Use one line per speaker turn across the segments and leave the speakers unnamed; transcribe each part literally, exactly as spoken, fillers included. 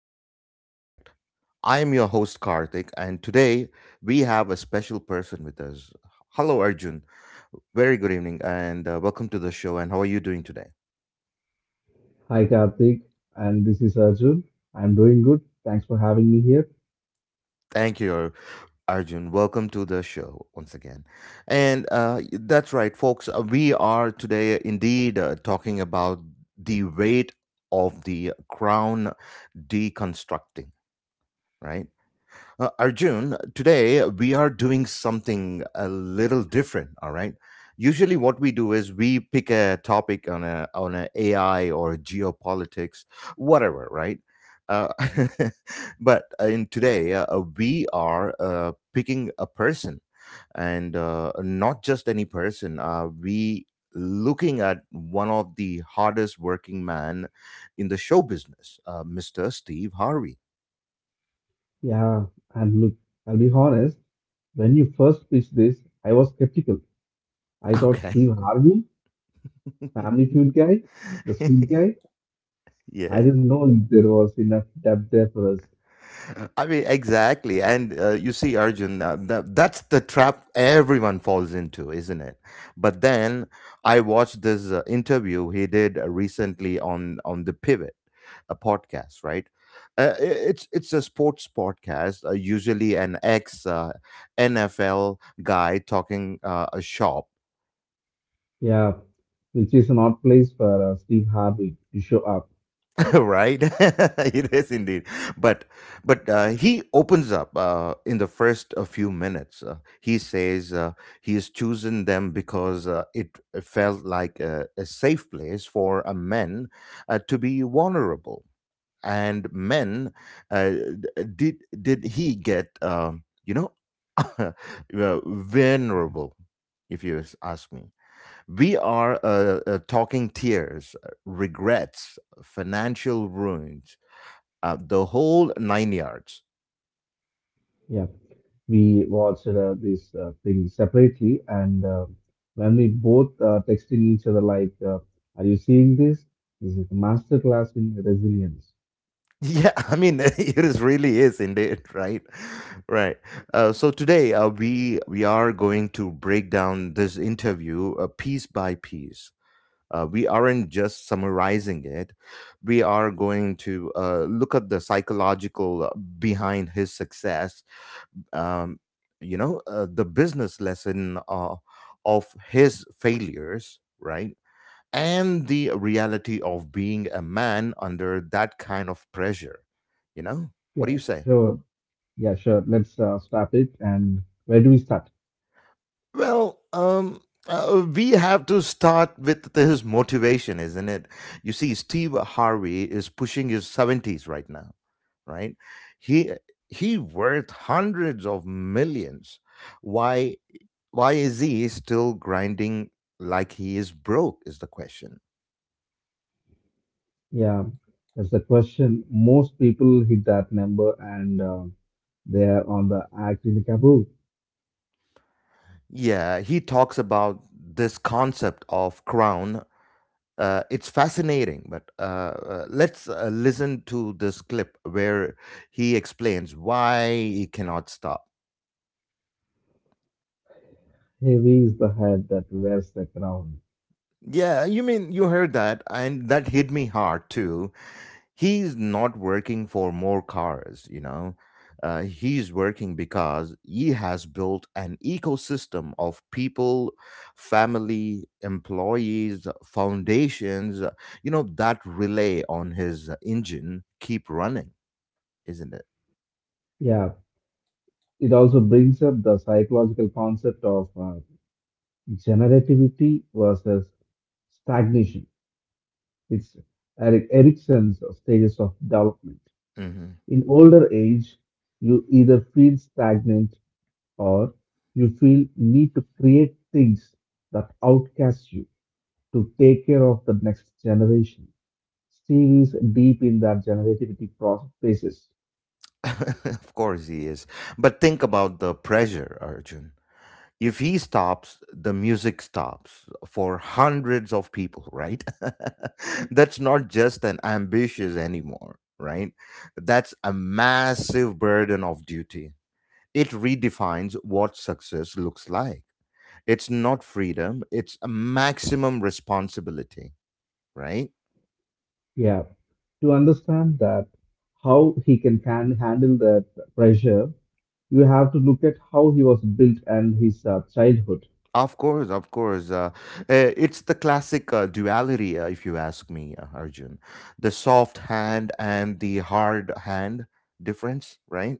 Dive Project. I am your host, Karthik, and today we have a special person with us. Hello, Arjun. Very good evening, and uh, welcome to the show. And how are you doing today?
Hi Karthik, and this is Arjun. I'm doing good. Thanks for having me here.
Thank you, Arjun. Welcome to the show once again. And uh, that's right, folks. Uh, we are today indeed uh, talking about the weight of the crown deconstructing, right? Uh, Arjun, today we are doing something a little different, all right? Usually what we do is we pick a topic on a on a AI or geopolitics, whatever, right? Uh, but uh, in today uh, uh, we are uh, picking a person, and uh, not just any person. Uh, we looking at one of the hardest working man in the show business, uh, mister Steve Harvey.
Yeah, and look, I'll be honest. When you first pitched this, I was skeptical. I thought
Okay.
Steve Harvey, Family Feud guy, the sweet guy. I
yeah.
didn't know there was enough depth there for us.
I mean, exactly. And uh, you see, Arjun, uh, that, that's the trap everyone falls into, isn't it? But then I watched this uh, interview he did uh, recently on, on The Pivot, a podcast, right? Uh, i- it's it's a sports podcast, uh, usually an ex uh, N F L guy talking uh, a shop.
Yeah, which is an odd place for uh, Steve Harvey to show up.
Right. It is indeed, but but uh, he opens up uh, in the first a few minutes. Uh, he says uh, he has chosen them because uh, it felt like a, a safe place for a men uh, to be vulnerable. And men, uh, d- did did he get um, you know uh, vulnerable? If you ask me, we are uh, uh, talking tears, uh, regrets, financial ruins, uh, the whole nine yards.
Yeah, we watched uh, this uh, thing separately, and uh, when we both uh, texting each other like, uh, are you seeing this? This is the master class in resilience.
Yeah, I mean, it is really is indeed, right? Right. Uh, so today uh, we we are going to break down this interview uh, piece by piece. Uh, we aren't just summarizing it. We are going to uh, look at the psychological, uh, behind his success, um, you know uh, the business lesson uh, of his failures, right? And the reality of being a man under that kind of pressure, you know
Yeah,
what do you say?
sure. Yeah, sure, let's uh, start it. And where do we start?
Well, um uh, we have to start with his motivation, isn't it? You see, Steve Harvey is pushing his seventies right now, right? He he worth hundreds of millions. Why? Why is he still grinding like he is broke? Is the question.
Yeah, that's the question. Most people hit that number and uh, they are on the act in the kaboom.
Yeah, he talks about this concept of crown. Uh, it's fascinating, but uh, uh, let's uh, listen to this clip where he explains why he cannot stop.
Heavy is the head that wears the crown.
Yeah, you mean you heard that, and that hit me hard too. He's not working for more cars, you know. Uh, he's working because he has built an ecosystem of people, family, employees, foundations, uh, you know, that relay on his engine keep running, isn't it?
Yeah, it also brings up the psychological concept of uh, generativity versus stagnation. It's Eric Erickson's stages of development.
hmm
In older age, you either feel stagnant or you feel need to create things that outcast you, to take care of the next generation. Steve is deep in that generativity process.
of course he is. But think about the pressure, Arjun. If he stops, the music stops for hundreds of people, right? That's not just an ambitious anymore, right? That's a massive burden of duty. It redefines what success looks like. It's not freedom, it's a maximum responsibility, right?
Yeah, to understand that how he can, can handle that pressure, you have to look at how he was built and his uh, childhood.
Of course, of course. Uh, eh, it's the classic uh, duality, uh, if you ask me, uh, Arjun. The soft hand and the hard hand difference, right?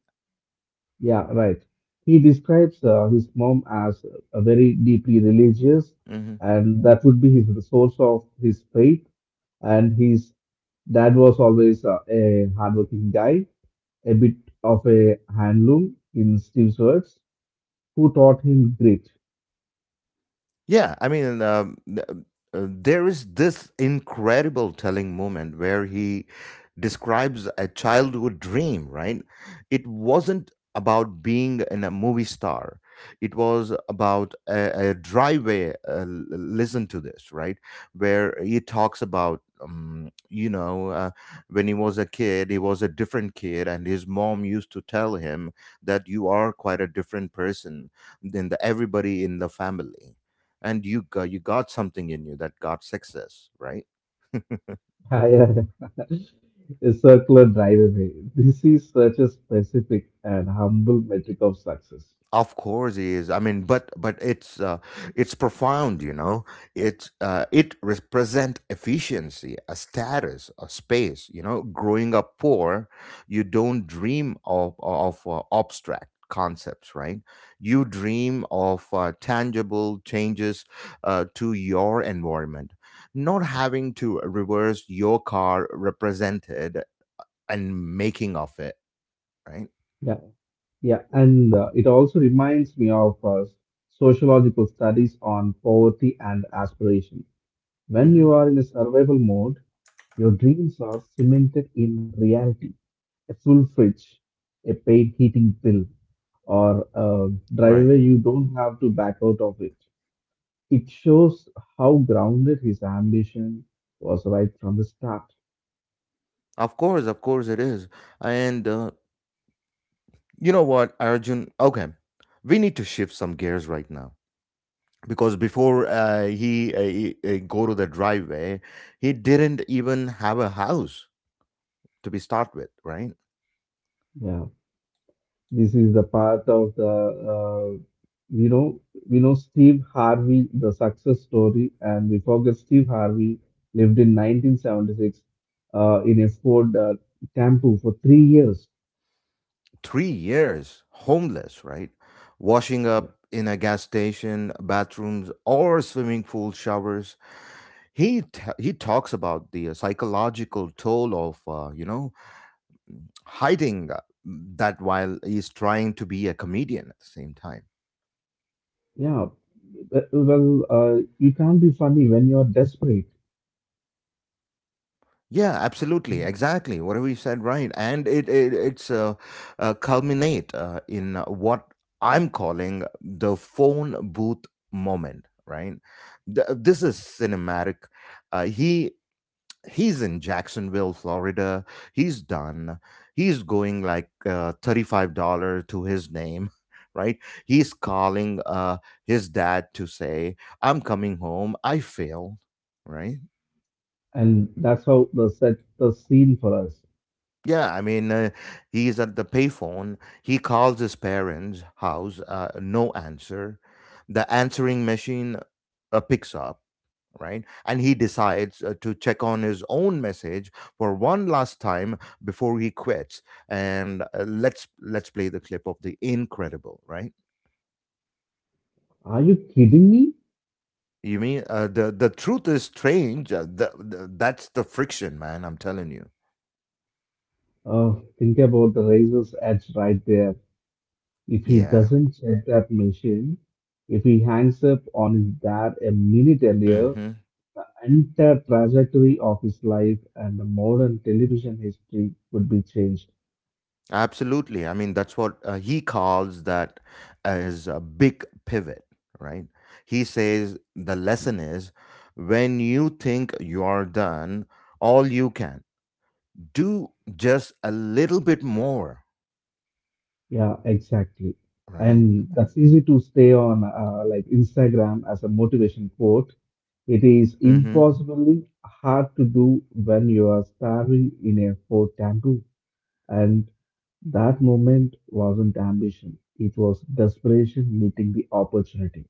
Yeah, right. He describes uh, his mom as a very deeply religious,
Mm-hmm.
and that would be his the source of his faith. And his dad was always uh, a hardworking guy, a bit of a handloom in Steve's words, who taught him grit.
Yeah, I mean, um, th- uh, there is this incredible telling moment where he describes a childhood dream, right? It wasn't about being in a movie star. It was about a, a driveway. Uh, l- listen to this, right? Where he talks about, um, you know, uh, when he was a kid, he was a different kid, and his mom used to tell him that you are quite a different person than the, everybody in the family, and you got you got something in you that got success, right?
Higher. A circular drive away. This is such a specific and humble metric of success.
Of course he is. I mean, but but it's uh, it's profound, you know. It uh, it represent efficiency, a status, a space, you know. Growing up poor, you don't dream of of uh, abstract concepts, right? You dream of uh, tangible changes uh, to your environment. Not having to reverse your car represented and making of it, right?
Yeah, yeah, and uh, it also reminds me of uh, sociological studies on poverty and aspiration. When
hmm
you are in a survival mode, your dreams are cemented in reality. A full fridge, a paid heating bill, or a
Right.
driveway you don't have to back out of it. It shows how grounded his ambition was right from the start.
Of course, of course it is. And uh, you know what, Arjun? Okay, we need to shift some gears right now, because before uh, he, uh, he uh, go to the driveway, he didn't even have a house to be start with, right?
Yeah, this is the part of the uh, you know we know Steve Harvey the success story, and we forget Steve Harvey lived in nineteen seventy-six uh, in a Ford uh, Tempo for three years.
Three years homeless, right? Washing
Yeah,
up in a gas station, bathrooms, or swimming pool showers. He t- he talks about the psychological toll of, uh, you know, hiding uh, that while he's trying to be a comedian at the same time.
yeah. W- Well, uh, you can't be funny when you're desperate,
Yeah, absolutely, exactly. Whatever you said, right? And it, it it's uh, uh, culminate uh, in uh, what I'm calling the phone booth moment, right? Th- this is cinematic. Uh, he he's in Jacksonville, Florida. He's done. He's going like uh, thirty-five dollars to his name, right? He's calling uh, his dad to say, I'm coming home. I failed, right?
and that's how the set the scene for us.
Yeah, I mean, uh, he's at the payphone. He calls his parents' house, uh, no answer. The answering machine uh, picks up, right? And he decides uh, to check on his own message for one last time before he quits. And uh, let's let's play the clip of the incredible, right?
Are you kidding me?
You mean uh, the the truth is strange. Uh, the, the, that's the friction, man. I'm telling you.
Oh, think about the razor's edge right there. If he
Yeah.
doesn't check that machine, if he hangs up on his dad a minute earlier,
hmm
the entire trajectory of his life and the modern television history would be changed.
Absolutely. I mean, that's what uh, he calls that as a big pivot, right? He says the lesson is, when you think you are done, all you can do just a little bit more,
Yeah, exactly.
right?
And that's easy to stay on uh, like Instagram as a motivation quote. It is
Mm-hmm.
impossibly hard to do when you are starving in a hot temple. And that moment wasn't ambition, it was desperation meeting the opportunity.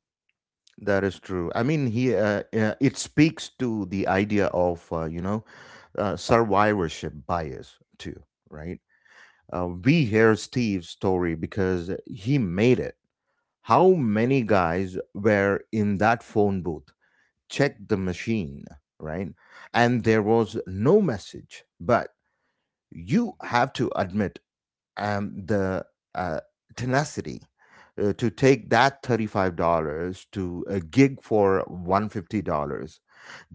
That is true. I mean, he uh, uh, it speaks to the idea of, uh, you know, uh, survivorship bias too, right? Uh, we hear Steve's story because he made it. How many guys were in that phone booth, checked the machine, right, and there was no message? But you have to admit, um, the uh, tenacity uh, to take that thirty-five dollars to a gig for one hundred fifty dollars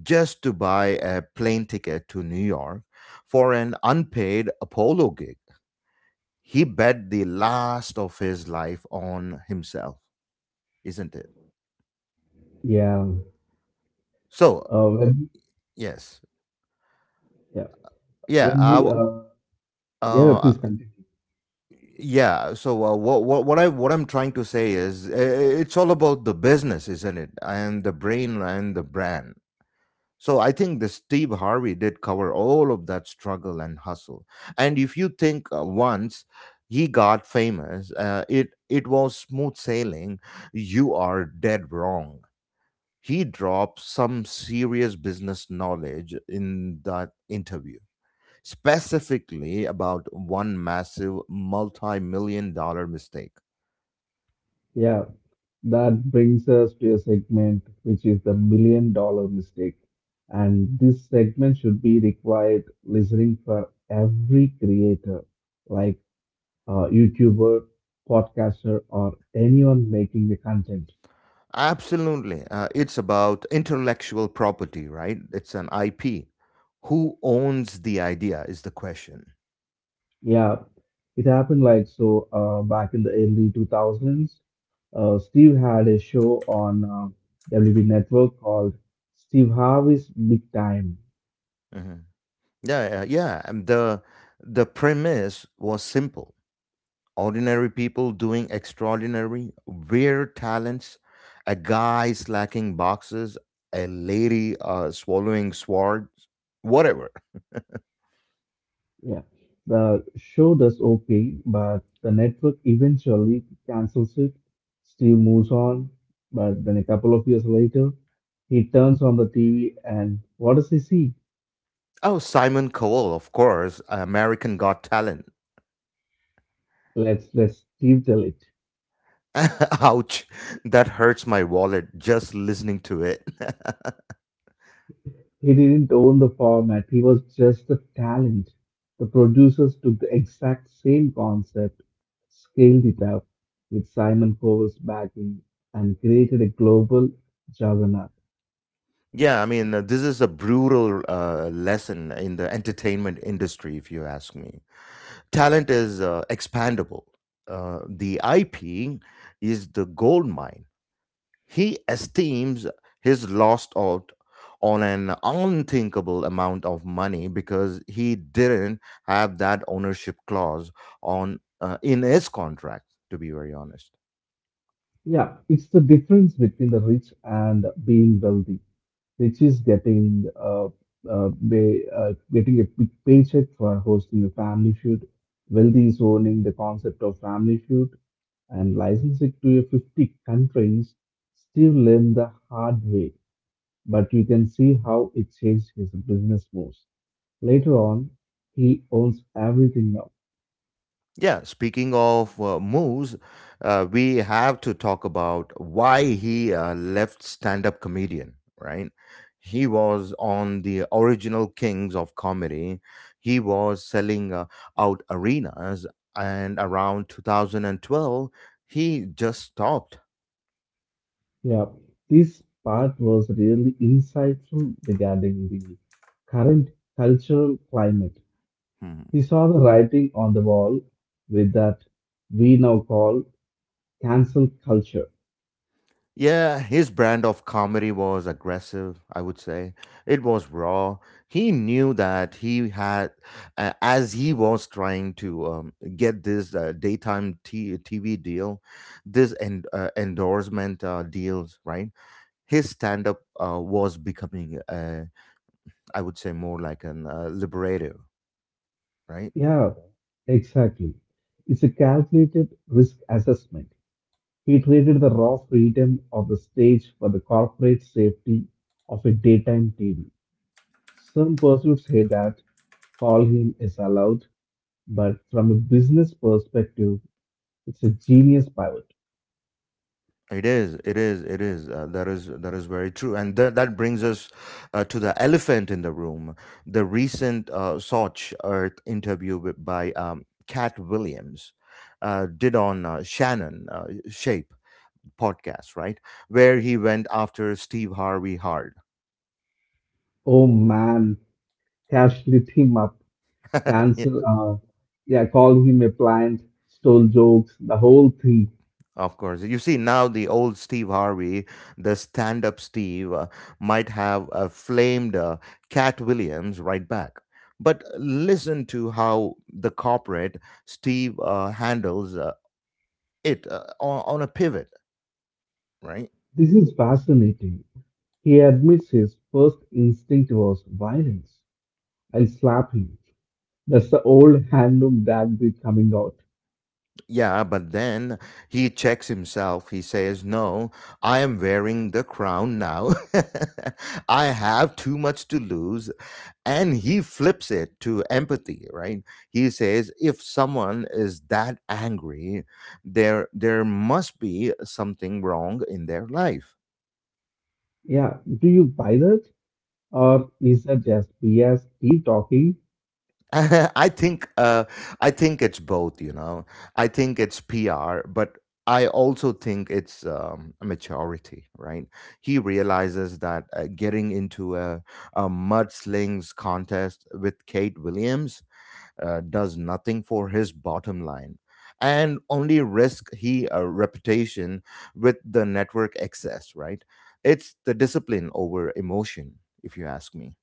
just to buy a plane ticket to New York for an unpaid Apollo gig. He bet the last of his life on himself, isn't it?
Yeah.
So,
Uh, when,
yes.
yeah.
Yeah,
When
I
we,
w-
uh, yeah,
uh,
please continue.
yeah, so uh, what what what I what I'm trying to say is uh, it's all about the business, isn't it? And the brain and the brand. So I think the Steve Harvey did cover all of that struggle and hustle. And if you think uh, once he got famous, uh, it it was smooth sailing. You are dead wrong. He dropped some serious business knowledge in that interview, specifically about one massive multi-million dollar mistake.
Yeah. That brings us to a segment which is the million dollar mistake. And this segment should be required listening for every creator, like uh, YouTuber, podcaster, or anyone making the content.
Absolutely. Uh, it's about intellectual property, right? It's an I P. Who owns the idea is the question.
Yeah, it happened like so uh, back in the early two thousands. Uh, Steve had a show on uh, W B Network called Steve Harvey's Big Time.
Mhm. Yeah, yeah, yeah. And the the premise was simple. Ordinary people doing extraordinary, weird talents, a guy slacking boxes, a lady uh, swallowing swords, whatever.
Yeah, the show does okay, but the network eventually cancels it. Steve moves on, but then a couple of years later, he turns on the T V and what does he see?
Oh, Simon Cowell, of course, American Got Talent.
Let's let Steve tell it.
Ouch, that hurts my wallet just listening to it.
He didn't own the format, he was just the talent. The producers took the exact same concept, scaled it up with Simon Cowell's backing, and created a global juggernaut.
Yeah, I mean, uh, this is a brutal uh, lesson in the entertainment industry, if you ask me. Talent is uh, expandable, uh, the I P is the gold mine. He esteems his lost out on an unthinkable amount of money because he didn't have that ownership clause on uh, in his contract, to be very honest.
Yeah, it's the difference between the rich and being wealthy, which is getting, uh, uh, ba- uh, getting a big paycheck for hosting a family shoot. Wealthy is owning the concept of family shoot and licensing to a fifty countries. Steve learned the hard way, but you can see how it changed his business moves. Later on, he owns everything now.
Yeah, speaking of uh, moves, uh, we have to talk about why he uh, left stand up comedian, right? He was on the original kings of comedy. He was selling uh, out arenas, and around two thousand twelve, he just stopped.
Yeah, this part was really insightful regarding the current cultural climate.
Hmm.
He saw the writing on the wall with that we now call cancel culture.
Yeah, his brand of comedy was aggressive, I would say. It was raw. He knew that he had, uh, as he was trying to um, get this uh, daytime t- TV deal, this en- uh, endorsement uh, deals, right? His stand up uh, was becoming, uh, I would say, more like an uh, liberative, right?
Yeah, exactly. It's a calculated risk assessment. He traded the raw freedom of the stage for the corporate safety of a daytime T V. Some pursuits say that call him is allowed, but from a business perspective, it's a genius pivot.
It is, it is, it is. Uh, that is that is very true, and th- that brings us uh, to the elephant in the room: the recent uh, Soch Earth interview with, by um, Cat Williams uh, did on uh, Shannon uh, Shape podcast, right, where he went after Steve Harvey hard.
Oh man, casualty cancel, uh, yeah, call him a plant, stole jokes, the whole thing.
Of course. You see, now the old Steve Harvey, the stand up Steve, uh, might have uh, flamed uh, Cat Williams right back. But listen to how the corporate Steve uh, handles uh, it uh, on, on a pivot, right?
This is fascinating. He admits his first instinct was violence. I'll slap him. That's the old handlum tactic coming out.
Yeah, but then he checks himself. He says, No, I am wearing the crown now. I have too much to lose. And he flips it to empathy, right? He says if someone is that angry, there there must be something wrong in their life.
Yeah, do you buy that? Or is that just B S keep talking?
i think uh I think it's both, you know. I think it's PR, but I also think it's um, maturity, right? He realizes that uh, getting into a, a mudslings contest with Kate Williams uh, does nothing for his bottom line and only risk he a reputation with the network excess, right? It's the discipline over emotion, if you ask me.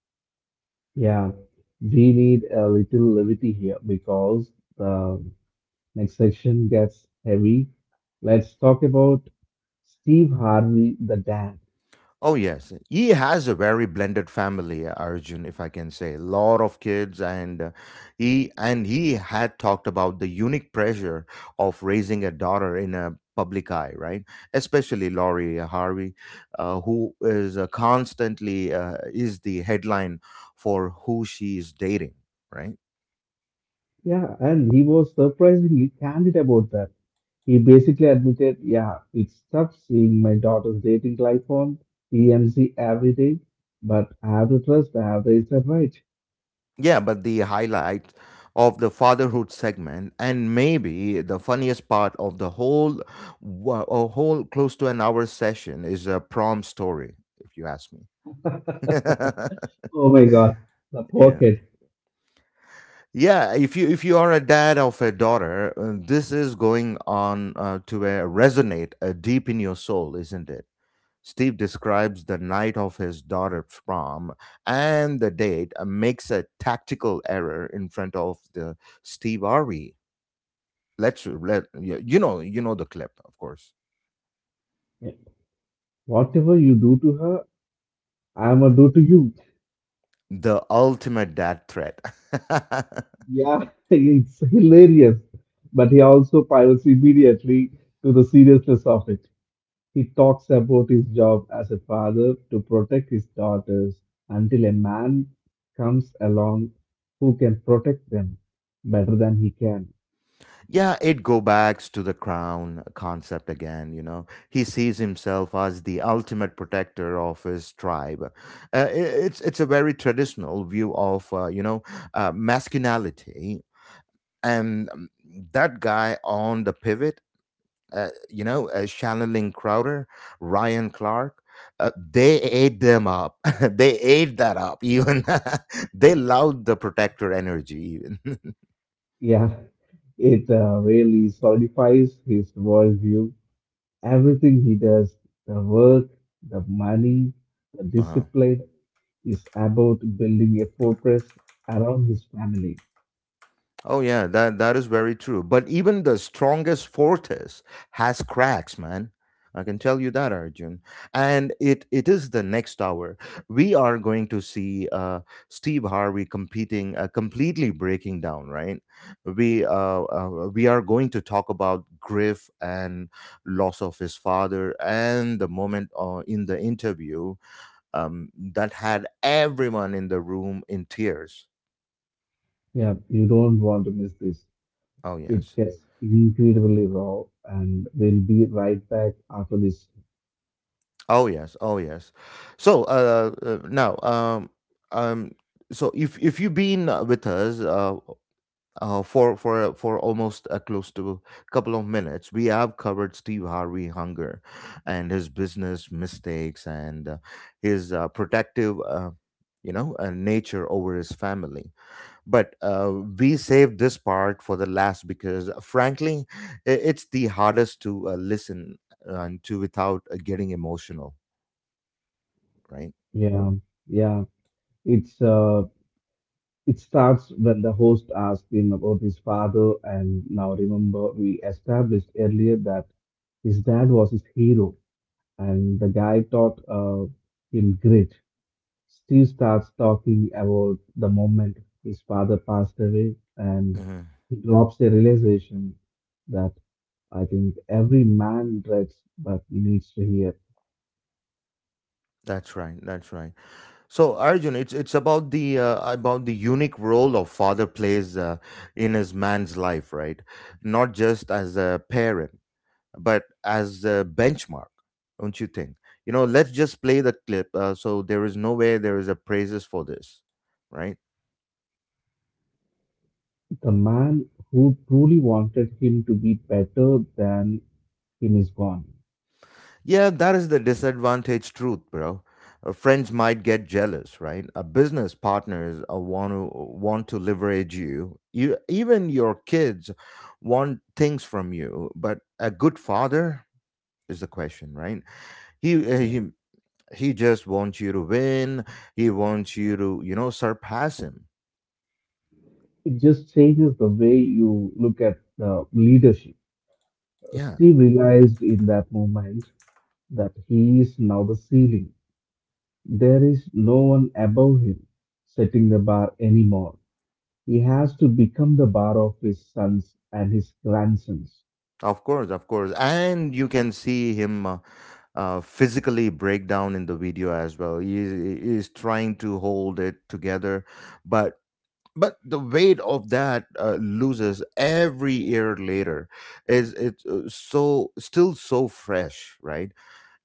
Yeah, we need a little levity here because the next section gets heavy. Let's talk about Steve Harvey, the dad.
Oh yes, he has a very blended family, Arjun, if I can say, a lot of kids, and uh, he and he had talked about the unique pressure of raising a daughter in a public eye, right? Especially Laurie Harvey, uh, who is uh, constantly uh, is the headline for who she is dating, right?
Yeah, and he was surprisingly candid about that. He basically admitted, yeah, it's tough seeing my daughter's dating life on T M Z every day, but I have to trust I have raised her right.
Yeah, but the highlight of the fatherhood segment, and maybe the funniest part of the whole wa- a whole close to an hour session, is a prom story if you ask me.
Oh my God, the poor
Yeah.
kid.
Yeah, if you if you are a dad of a daughter, uh, this is going on uh, to uh, resonate uh, deep in your soul, isn't it? Steve describes the night of his daughter's prom, and the date uh, makes a tactical error in front of the Steve Harvey. Let's let yeah, you know you know the clip, of course.
Whatever you do to her, I'm gonna do to you.
The ultimate dad threat.
Yeah, it's hilarious. But he also pivots immediately to the seriousness of it. He talks about his job as a father to protect his daughters until a man comes along who can protect them better than he can.
Yeah, it go back to the crown concept again, you know. He sees himself as the ultimate protector of his tribe. Uh, i- it's it's a very traditional view of uh, you know, uh, masculinity. And um, that guy on the pivot, uh, you know, uh, Shannon Lynn Crowder, Ryan Clark, uh, they ate them up. They ate that up. Even they loved the protector energy. Even
Yeah, it uh, really solidifies his worldview. Everything he does, the work, the money, the
uh-huh.
discipline, is about building a fortress around his family.
Oh yeah, that that is very true. But even the strongest fortress has cracks, man. I can tell you that, Arjun. And it it is the next hour. We are going to see uh, Steve Harvey competing, uh, completely breaking down. Right? We uh, uh, we are going to talk about Griff and loss of his father, and the moment uh, in the interview um, that had everyone in the room in tears.
Yeah, you don't want to miss this.
Oh
It
yes.
gets incredibly raw, and we'll be right back after this.
Oh yes, oh yes. So uh, uh now um um so if if you've been uh, with us, uh, uh for for for almost uh, close to a couple of minutes, we have covered Steve Harvey hunger and his business mistakes, and uh, his uh, protective uh, you know, uh, nature over his family. But uh, we saved this part for the last because frankly, i- it's the hardest to uh, listen uh, to without uh, getting emotional, right?
Yeah, yeah. It's uh, it starts when the host asks him about his father, and now remember we established earlier that his dad was his hero, and the guy taught uh, him grit. Steve starts talking about the moment his father passed away, and
Hmm.
he drops a realization that I think every man dreads but needs to hear.
That's right. That's right. So Arjun, it's it's about the uh, about the unique role of father plays uh, in his man's life, right? Not just as a parent, but as a benchmark, don't you think? You know, let's just play the clip. Uh, so there is no way there is a praises for this, right?
The man who truly wanted him to be better than him is gone.
Yeah, that is the disadvantage truth, bro. Uh, Friends might get jealous, right? A business partners uh, want to want to leverage you. You even your kids want things from you, but a good father is the question, right? He uh,
Yeah.
he he just wants you to win. He wants you to, you know, surpass him.
It just changes the way you look at the leadership.
Yeah,
Steve realized in that moment that he is now the ceiling. There is no one above him setting the bar anymore. He has to become the bar of his sons and his grandsons.
of course, of course. And you can see him uh, uh, physically break down in the video as well. He is, he is trying to hold it together, but but the weight of that uh, loses every year later is it's uh, so still so fresh, right?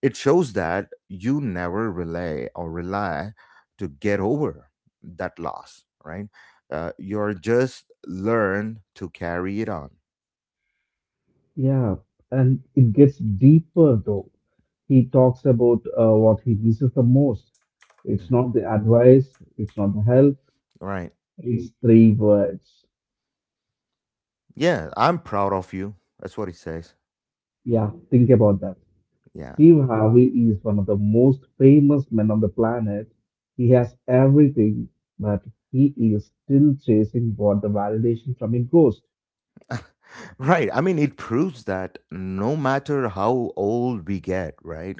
It shows that you never relay or rely to get over that loss, right? Uh, you're just learn to carry it on.
Yeah, and it gets deeper though. He talks about uh, what he misses the most. It's
Mhm.
not the advice, it's not the help,
Right.
it's three words.
Yeah, I'm proud of you. That's what it says.
Yeah, think about that.
Yeah.
Steve Harvey is one of the most famous men on the planet. He has everything, but he is still chasing what the validation from a ghost.
Right. I mean, it proves that no matter how old we get, right,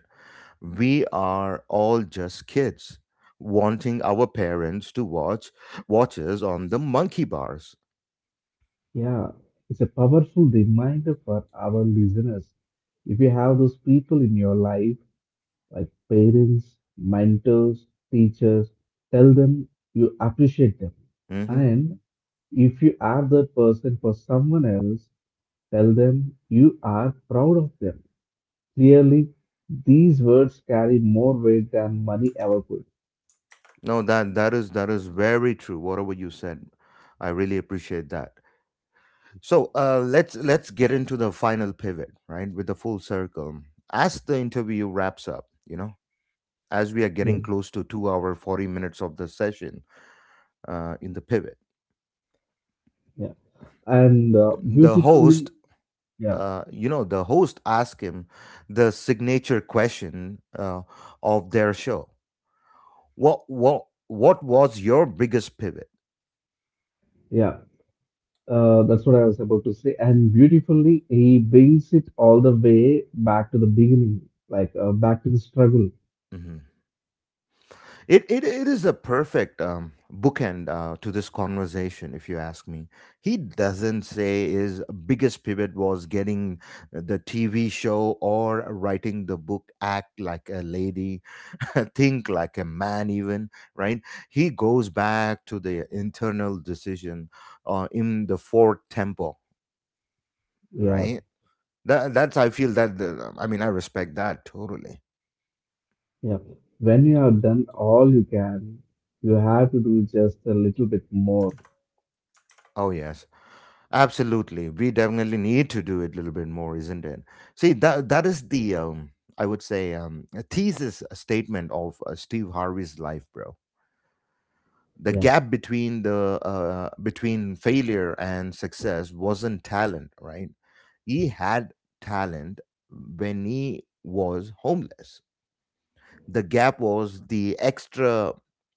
we are all just kids wanting our parents to watch watches on the monkey bars.
Yeah, it's a powerful reminder for our listeners. If you have those people in your life, like parents, mentors, teachers, tell them you appreciate them.
Hmm.
And if you are that person for someone else, tell them you are proud of them. Clearly, these words carry more weight than money ever could.
No, that that is that is very true. Whatever you said, I really appreciate that. So uh, let's let's get into the final pivot, right, with the full circle. As the interview wraps up, you know, as we are
Yeah,
getting close to two hour forty minutes of the session uh, in the pivot,
yeah. And uh,
the
beautifully,
host,
yeah,
uh, you know, the host asked him the signature question uh, of their show: what what what was your biggest pivot?
yeah. Uh, that's what I was about to say. And beautifully, he brings it all the way back to the beginning, like uh, back to the struggle.
Mm-hmm. It, it it is a perfect um, bookend uh, to this conversation, if you ask me. He doesn't say his biggest pivot was getting the T V show or writing the book, Act Like a Lady, Think Like a Man, even, right. He goes back to the internal decision uh, in the fourth temple,
Yeah,
right? That that's I feel that the, I mean I respect that totally.
yeah. When you have done all you can, you have to do just a little bit more.
Oh yes. Absolutely, we definitely need to do it a little bit more, isn't it? See, that that is the um, I would say um, a thesis statement of uh, Steve Harvey's life, bro. The
Yeah,
gap between the uh, between failure and success wasn't talent, right? He had talent when he was homeless. The gap was the extra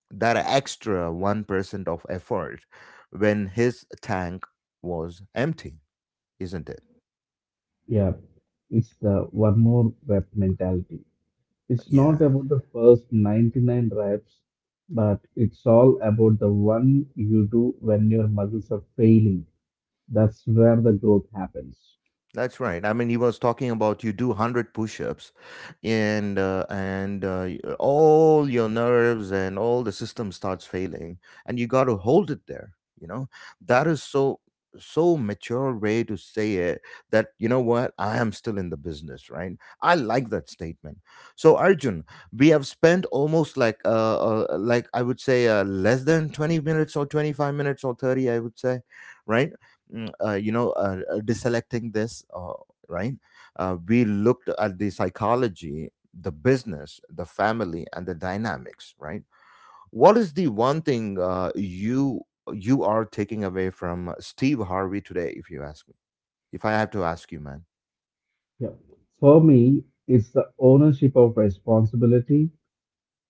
that extra one percent of effort when his tank was empty, isn't it?
yeah. It's the one more rep mentality. It's not
Yeah,
about the first ninety-nine reps, but it's all about the one you do when your muscles are failing. That's where the growth happens.
that's right. I mean, he was talking about you do a hundred push-ups, and uh, and uh, y- all your nerves and all the system starts failing, and you got to hold it there, you know? That is so so mature way to say it, that you know what, I am still in the business, right? I like that statement. So Arjun, we have spent almost like uh, uh like I would say uh, less than twenty minutes or twenty-five minutes or thirty, I would say, right. Mm, uh, you know, uh, uh, deselecting this, uh, right. Uh, we looked at the psychology, the business, the family, and the dynamics, right? What is the one thing uh, you you are taking away from Steve Harvey today, if you ask me, if I have to ask you, man?
Yeah. For me, it's the ownership of responsibility.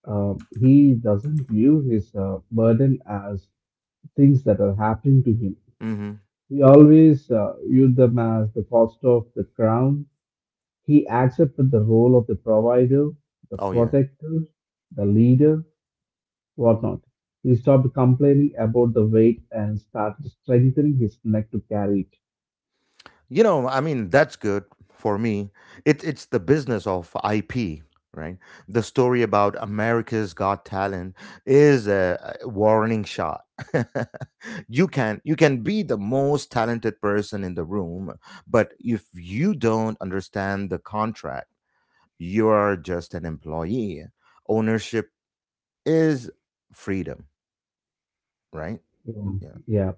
Uh, he doesn't view his uh, burden as things that are happening to him.
Mm-hmm.
He always uh, viewed them as the cost of the crown. He accepted the role of the provider, the
Oh yeah.
protector, the leader, whatnot. He stopped complaining about the weight and started strengthening his neck to carry
You know, I mean, that's good for me. It, it's the business of I P, right? The story about America's Got Talent is a a warning shot. You can you can be the most talented person in the room, but if you don't understand the contract, you are just an employee. Ownership is freedom, right?
it. Um,
Yeah.
Yeah.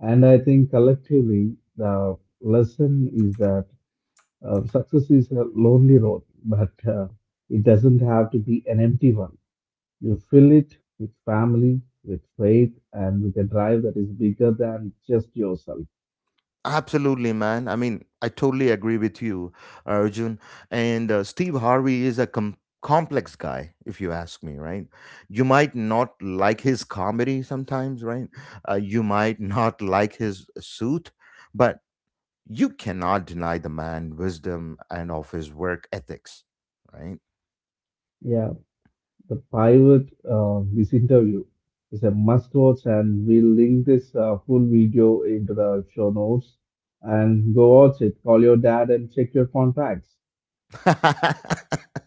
And I think collectively, the lesson is that uh, success is a lonely road, but uh, it doesn't have to be an empty one. You fill it with family, with faith, and with a drive that is bigger than just yourself.
Absolutely, man. I mean, I totally agree with you, Arjun. And uh, Steve Harvey is a com- complex guy, if you ask me, right? You might not like his comedy sometimes, right? Uh, you might not like his suit, but you cannot deny the man wisdom and of his work ethics, right?
Yeah. The private, uh, this interview is a must watch, and we'll link this uh, full video into the show notes. And go watch it, call your dad, and check your contacts.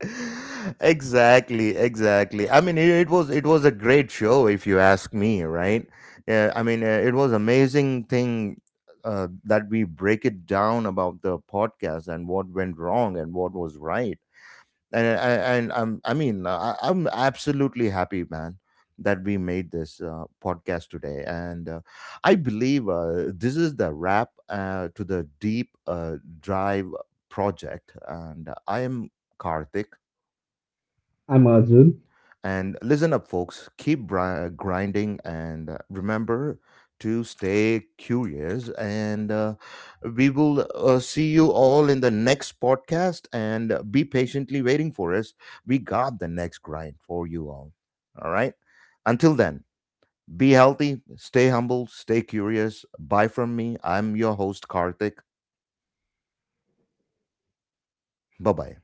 Exactly, exactly. I mean, it, it was it was a great show if you ask me, right? Yeah, I mean, uh, it was amazing thing, uh, that we break it down about the podcast and what went wrong and what was right. And uh, and, and I'm I mean uh, I, I'm absolutely happy, man, that we made this uh, podcast today. And uh, I believe uh, this is the wrap uh, to the deep uh, drive project. And uh, I am Karthik.
I'm Arjun.
And listen up, folks. Keep bri- uh, grinding, and uh, remember to stay curious. And uh, we will uh, see you all in the next podcast, and uh, be patiently waiting for us. We got the next grind for you all. All right. Until then, be healthy, stay humble, stay curious. Bye from me. I'm your host, Karthik. Bye bye.